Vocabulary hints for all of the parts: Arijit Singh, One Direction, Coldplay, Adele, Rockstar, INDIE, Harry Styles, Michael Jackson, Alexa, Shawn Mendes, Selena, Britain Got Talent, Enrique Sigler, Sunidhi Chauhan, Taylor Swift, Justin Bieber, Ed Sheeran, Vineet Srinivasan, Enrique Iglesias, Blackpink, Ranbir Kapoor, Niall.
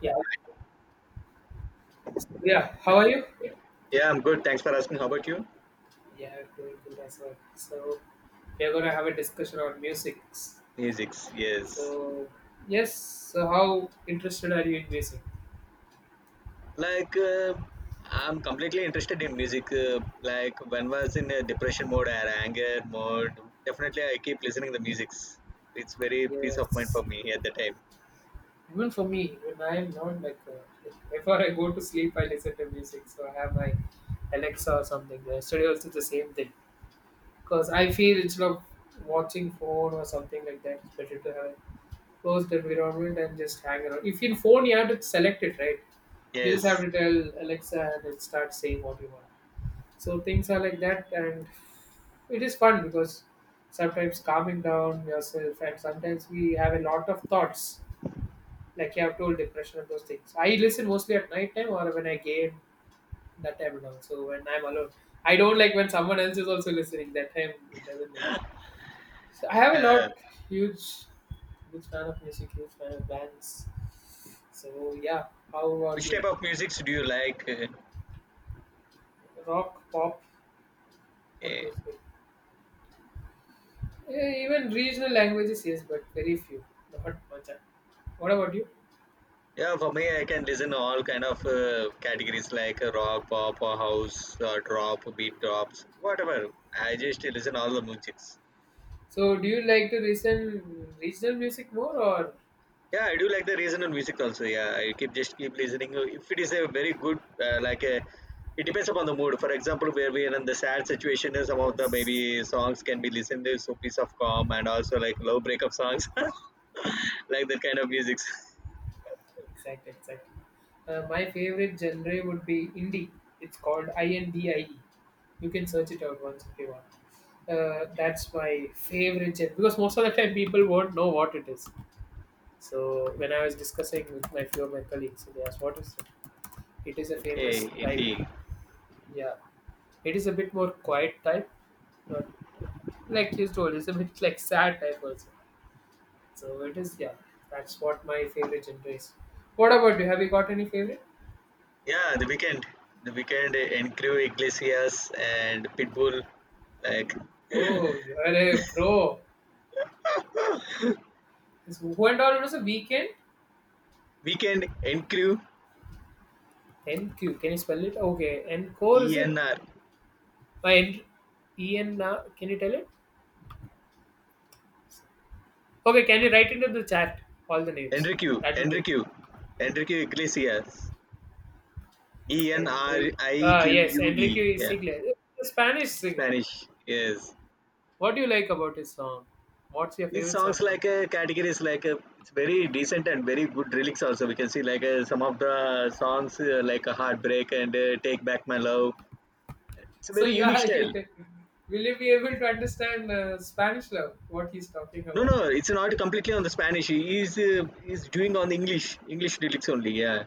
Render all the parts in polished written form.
Yeah, yeah. How are you? Yeah, I'm good. Thanks for asking. How about you? Yeah, doing good as well. So we're gonna have a discussion on music. Musics, yes. So yes, so how interested are you in music? Like, I'm completely interested in music. Like, when was in a depression mode or anger mode, definitely I keep listening the musics. It's very peace of mind Yes, for me at the time. even for me, when I am not like before I go to sleep, I listen to music. So I have my Alexa or something. Yesterday also the same thing. Because I feel instead of watching phone or something like that, it's better to have a closed environment and just hang around. If in phone you have to select it, right? You just have Yes. to tell Alexa and it starts saying what you want. So things are like that, and it is fun because sometimes calming down yourself, and sometimes we have a lot of thoughts, like you have told depression and those things. I listen mostly at night time or when I game that time and also when I'm alone. I don't like when someone else is also listening. That time it doesn't look. So I have a Yeah. lot huge, huge fan of music, huge fan of bands. So yeah, how about Which you? type of musics do you like? Rock, pop, like eh, those things. Yeah, even regional languages, yes, but very few, not much. What about you? yeah, for me, I can listen all kind of categories like rock, pop, or house, or drop, beat drops, whatever. I just listen all the musics. So, do you like to listen regional music more or? Yeah, I do like the regional music also. Yeah, I keep just keep listening. If it is a very good, uh, like a, it depends upon the mood. For example, where we are in the sad situation, is some of the Yes, maybe songs can be listened to, so peace of calm and also like low breakup songs, like that kind of music. exactly, exactly. My favorite genre would be indie. It's called INDIE. You can search it out once if you want. That's my favorite genre because most of the time people won't know what it is. So when I was discussing with my few of my colleagues, they asked, "What is it?" It is a famous Okay, type. indeed. Yeah, it is a bit more quiet type, but like you told, it's a bit like sad type also. So it is, yeah, that's what my favorite genre is. What about you? Have you got any favorite? Yeah, the weekend, Iglesias and Pitbull, like Oh, you're a pro. It's who and all was a weekend? weekend Crew NQ, can you spell it? Okay, Encore is it? ENR, My N- E N. Can you tell it? Okay, can you write into the chat all the names? Enrique, That would be Enrique, Enrique Iglesias. E N R Enrique. I Q Ah, yes, U E. Enrique Yeah, Sigler, the Spanish singer. Spanish. Yes, What do you like about his song? What's your these favorite song songs from like him? a category is, like a it's very decent and very good lyrics. Also, we can see like some of the songs like a heartbreak and take back my love. It's a So very unique yeah, style. yeah. Will you be able to understand Spanish love? What he's talking No, about? no, it's not completely on the Spanish. He's doing on the English lyrics only. Yeah,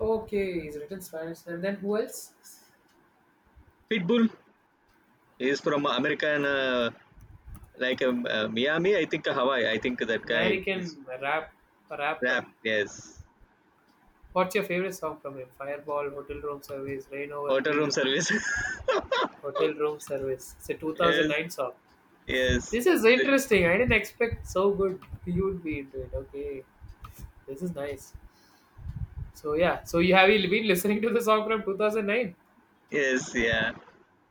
Okay, he's written Spanish. And then who else? Pitbull is from American like Miami. I think Hawaii. I think that guy is American rapper. rap. Yes, What's your favorite song from him? Fireball, Hotel Room Service, Rain Over hotel room Me, service. Hotel Room Service. It's a Yes, 2009 song. yes, This is so- interesting. I didn't expect so good you would be into it. Okay, this is nice. So yeah, so you been listening to the song from 2009? yes, yeah.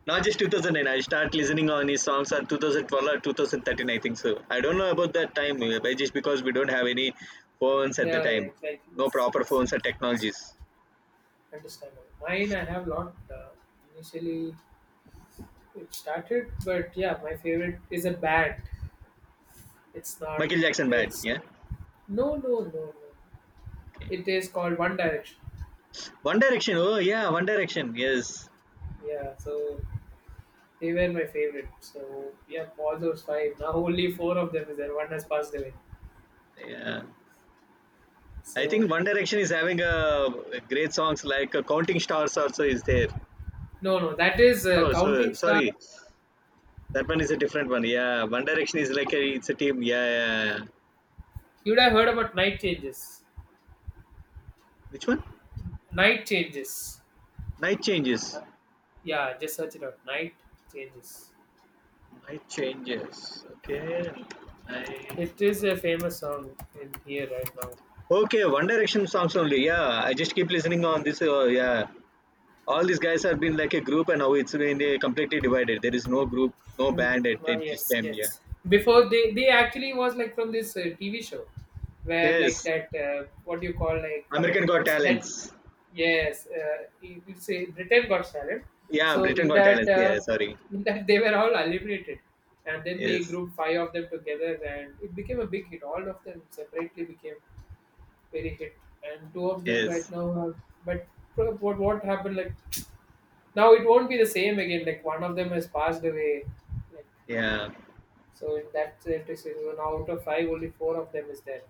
Not just 2009. I start listening on his songs on 2012 or 2013, I think so. I don't know about that time, but just because we don't have any phones at the Yeah, yeah, time, exactly. no Yes, proper yes, phones or yes. That's technologies. understandable. Mine, I have not initially it started, but yeah, my favorite is a band. It's not. Michael Jackson bad, It's yeah. no, no, no, no. Okay. It is called One Direction. One Direction. Oh yeah, One Direction. Yes, Yeah, so they were my favorite. So yeah, all those five. Now only four of them is there. One has passed away. yeah. I So think One Direction is having a great songs like Counting Stars also is there. no, no, that is Oh, so Counting Star. sorry. That one is a different one. Yeah, One Direction is like a it's a team. Yeah, yeah, yeah. You'd have heard about Night Changes. Which one? Night Changes. Night Changes. Yeah, just search it out. Night Changes. Night Changes. Okay. Night. It is a famous song in here right now. Okay, One Direction songs only. Yeah, I just keep listening on this. Yeah, all these guys have been like a group, and now it's been completely divided. There is no group, no Hmm. band at, Ah, at this yes, time. Yeah. yes. Before they actually was like from this TV show where like Yes, that what do you call like American Got that Talents. yes you it's a Britain Got Talent. Yeah, So Britain Got Talents. Yeah, sorry. in that they were all eliminated, and then they Yes, grouped five of them together and it became a big hit. All of them separately became very hit, and two of them right yes. now are. But what happened like now it won't be the same again. Like one of them has passed away. Like Yeah. so in that electricity, so now out of five, only four of them is there.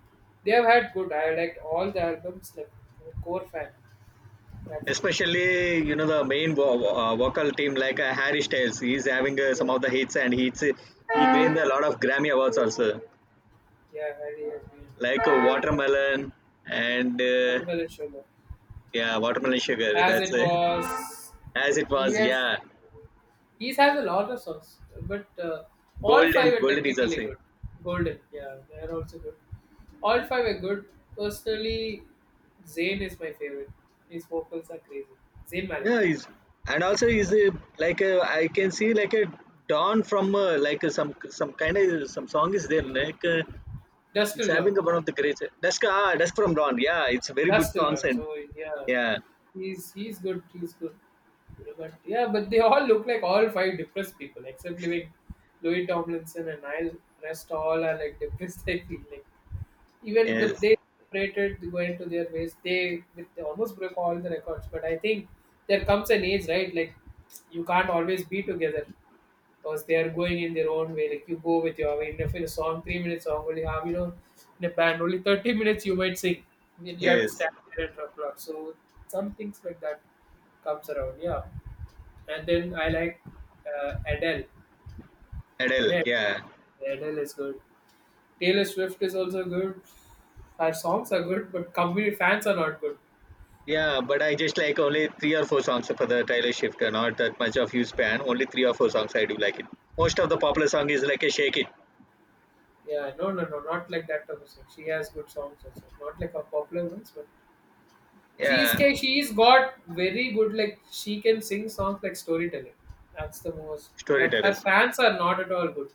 They have had good. I liked all the albums. Like I'm a core fan, that film. Especially, the main vocal team like Harry Styles, he's having some Yeah, of the hits and he gained a lot of Grammy awards also, yeah, Harry has been. like Watermelon and Watermelon Sugar. yeah, Watermelon Sugar. As That's it was. as it was. Yes, Yeah, he has a lot of songs, but all Golden, five are Golden is technically also. good. Golden, yeah, they're also good. All five are good. Personally, Zayn is my favorite. His vocals are crazy. Zayn Malik, Yeah, he's and also he's like I can see like a dawn from like some kind of some song is there like Dust he's Till Dawn. having one of the great Dusk from Dawn. Yeah, it's very That's good still songs not. and So yeah, yeah. He's good. He's good. You know, but yeah, but they all look like all five depressed people, except like Louis Tomlinson and Niall. Rest all are like depressed. I feel like even but Yes, they separated, they went to their ways. They with they almost broke all the records. But I think there comes an age, right? Like you can't always be together because they are going in their own way. Like you go with your I mean, if in a song, 3 minutes song only have you know in a band only 30 minutes you might sing. Then you have to yes. stand there and applaud. So some things like that comes around, yeah. And then I like Adele. Adele, Yeah, yeah. Adele is good. Taylor Swift is also good. Her songs are good, but company fans are not good. Yeah, but I just like only three or four songs for the Tyler Shifter, not that much of use span. Only three or four songs I do like it. Most of the popular song is like a Shake It. Yeah, no, no, no, not like that type of song. She has good songs also, not like her popular ones, but she's Yeah, she's got very good like she can sing songs like storytelling. That's the most. But her Storytellers. fans are not at all good.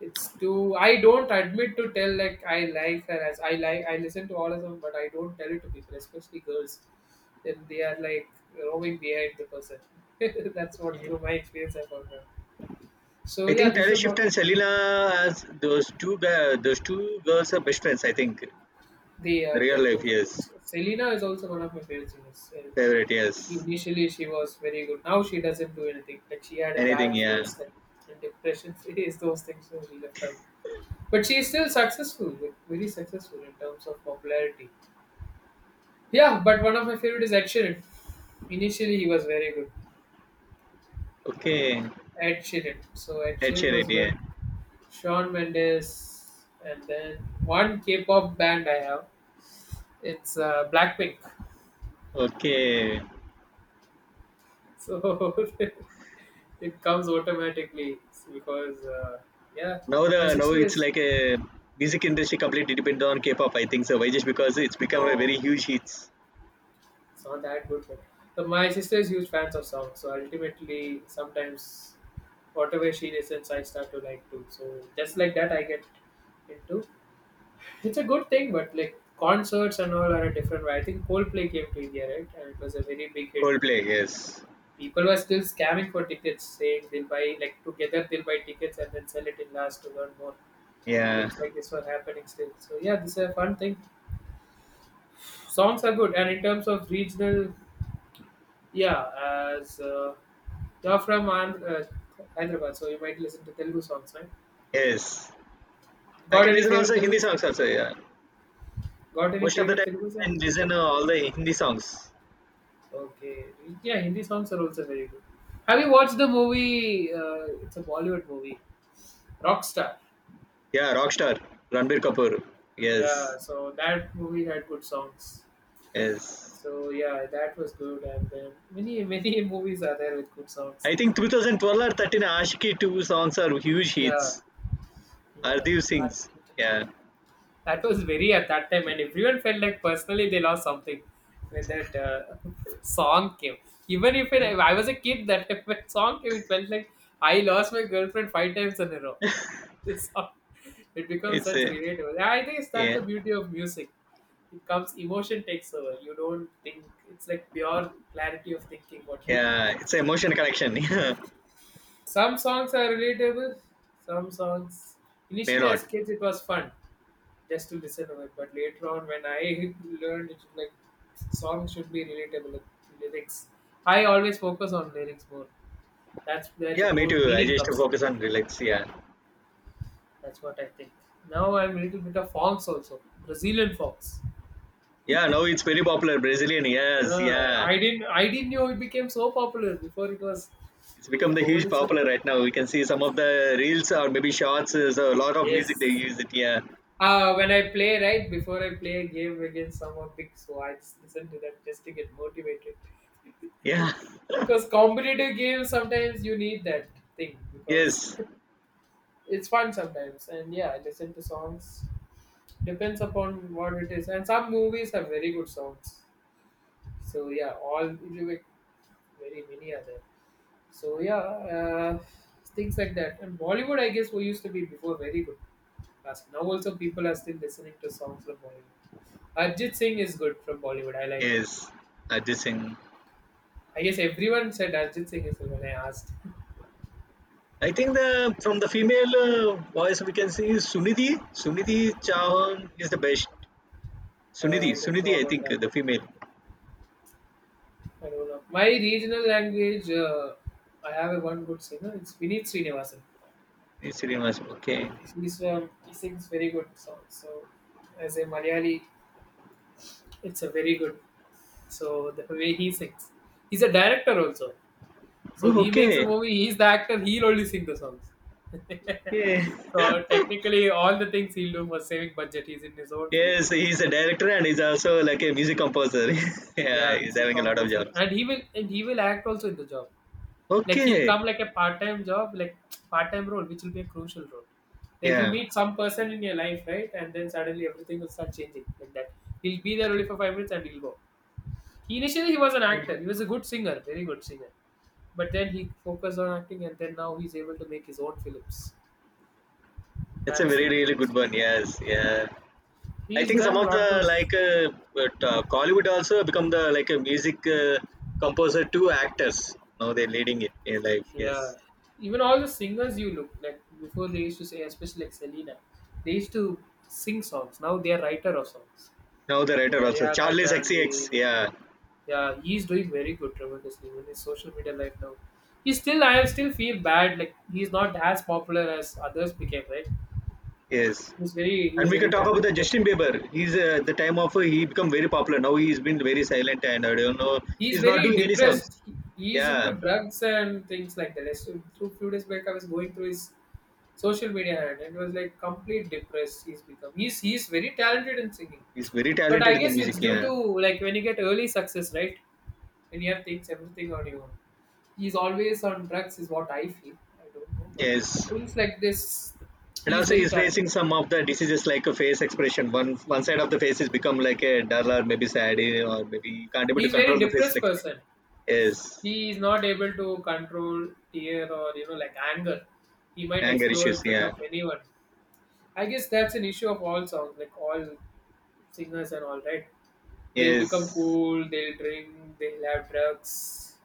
It's too. I don't admit to tell like I like her as I like I listen to all of them, but I don't tell it to people, especially girls. Then they are like roaming behind the person. That's what Yeah. through my experience I found out. So I yeah, think this is Taylor a Swift problem. and Selena, as those two guys, those two girls are best friends. I think They the are their real life, group. yes. Selena is also one of my favorite singers. And Favorite, she yes. initially she was very good. Now she doesn't do anything. Like she had a Anything, bad yeah. phase like and depression phase, those things so she left out. But she is still successful, like, very successful in terms of popularity. Yeah, but one of my favorite is Ed Sheeran. Initially he was very good. Okay, Ed Sheeran. So Ed Ed Sheeran was Sheeran, yeah. good. Shawn Mendes and then one K pop band I have. It's Blackpink. Okay, So it comes automatically because yeah, Now my the now sister it's is like a music industry completely dependent on K-pop. I think so. Why just because it's become a very no, huge hit. it's not that good, but my sister is huge fans of songs. So ultimately, sometimes whatever she listens, I start to like too. So just like that, I get into. It's a good thing, but like concerts and all are a different way. I think Coldplay came to India, right? And it was a very big hit. Coldplay, yes, People were still scamming for tickets, saying they'll buy like together they'll buy tickets and then sell it in last to earn more. yeah, Things like this were happening still. So yeah, this is a fun thing. Songs are good, and in terms of regional, yeah, as you're from Hyderabad, so you might listen to Telugu songs, right? yes. I Got can any listen favorite also Hindi Telugu? songs also. Yeah, Got any most of the favorite time Telugu I song? can listen all the Hindi songs. Okay, yeah, Hindi songs are also very good. Have you watched the movie? It's a Bollywood movie, Rockstar. Yeah, Rockstar, Ranbir Kapoor. Yeah, Yes, so that movie had good songs. yes. So yeah, that was good, and then many movies are there with good songs. I think 2012 or 13 Ashiki two songs are huge Yeah, hits. yeah, Ardiv sings. articulated. Yeah, That was very at that time, and everyone felt like personally they lost something when that song came. Even if it, I was a kid, that time when song came, it felt like I lost my girlfriend five times in a row. The song, it becomes it's such a relatable. And I think that's yeah, the beauty of music. It comes, emotion takes over. You don't think, it's like pure clarity of thinking what you do. yeah. It's a emotion connection. Yeah, Some songs are relatable, some songs. may Initially, as not. kids, it was fun just to listen to it. But later on, when I learned it, like songs should be relatable with lyrics, I always focus on lyrics more. That's where the Yeah, me more too. I meaning just comes through. focus on relax. Yeah, That's what I think. Now I'm a little bit of fonks also, Brazilian fonks. yeah. Now it's very popular Brazilian. Yes, Yeah, yeah. I didn't know it became so popular before it was It's become during the COVID huge itself. popular right now. We can see some of the reels or maybe shots. So a lot of music they Yes, use it. Yeah, when I play, right, before I play a game against someone big, so I just listen to that just to get motivated. yeah. Because competitive games, sometimes you need that thing because Yes, it's fun sometimes. And yeah, I listen to songs. Depends upon what it is. And some movies have very good songs. So yeah, all very many are there. So yeah, things like that. And Bollywood, I guess, we used to be before very good. Last now also people are still listening to songs from Bollywood. Arjit Singh is good from Bollywood. I like him. yes. Arjit Singh. I guess everyone said Arjit Singh is good when I asked. I think the from the female voice we can see is Sunidhi. Sunidhi Chauhan is the best. Sunidhi, I don't know Sunidhi. I about think that. The female. I don't know. My regional language, I have a one good singer. It's Vineet Srinivasan. Yes, Srinivas. Okay. He's he sings very good songs. So as a Malayali, it's a very good. So the way he sings, he's a director also. So Oh, he makes a okay. movie. He's the actor. He'll only sing the songs. Okay. So technically, all the things he'll do for saving budget. He's in his own film. Yes, he's a director and he's also like a music composer. Yeah, yeah, he's music having a lot of composer, jobs. and he will act also in the job. Like he'll Okay. come like a part-time job, like part-time role, which will be a crucial role. Like you Yeah. meet some person in your life, right? And then suddenly everything will start changing like that. He'll be there only for 5 minutes and he'll go. He, initially, he was an Yeah. actor. He was a good singer, very good singer. But then he focused on acting, and then now he's able to make his own films. That's a That's the very really beauty. good one. Yes. Yeah. I He's think some done a of the lot of like but, Collywood also become the like a music composer to actors. Now they're leading it in life. yeah. Yes. Even all the singers you look like before they used to say, especially like Selena, they used to sing songs. Now they are writer of songs. Now the Even writer also Ariana Charlie Sexy X. Grande, Yeah. yeah, he's doing very good tremendously in his social media life now. He still, I still feel bad. Like he's not as popular as others became, right? Yes. And He's we can very talk about the talented. Justin Bieber. He's the time of he become very popular. Now he's been very silent and I don't know. He's He's not very doing any songs. depressed. He's into Yeah, drugs and things like that. Two few days back, I was going through his social media and it was like complete depressed he's become he's very talented in singing he's very but I talented in the guess music. it's due Yeah. to like when you get early success right when you have things everything on your own he's always on drugs is what I feel I don't know but Yes. things like this And he's also, very he's facing talented some of the diseases like a face expression. One side of the face is become like a dull or maybe sad, or maybe you can't able to he's very control the face depressed expression. person Yes. he is not able to control tear or you know like anger he might Anger explode in issues. front Yeah. of anyone. I guess that's an issue of all songs, like all singers and all, right? They'll become Yes. cool, they'll drink, they'll have drugs,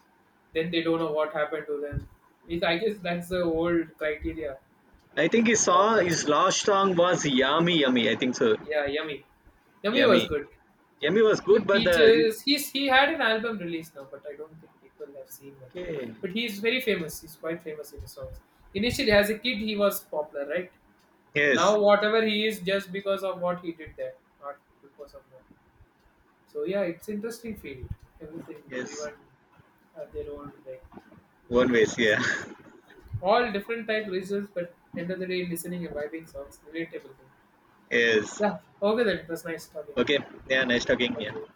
then they don't know what happened to them. It, I guess that's the old criteria in I think his pop song, culture. his last song was Yummy Yummy. I think so. Yeah, Yummy. Yummy was Yummy. good. Yummy was good, but the Peaches, he had an album released now, but I don't think people have seen it. okay. But he's very famous, he's quite famous in his songs. Initially, as a kid, he was popular, right? Now Yes. whatever he is just because of what he did there, not because of what. So yeah, it's interesting field. Everything Yes. everyone have their own like One ways. Yeah. all different type reasons, but end of the day listening and vibing songs relatable thing. Yes. Yeah, okay, then it was nice talking. Okay. Yeah. Nice talking. Thank Yeah. you.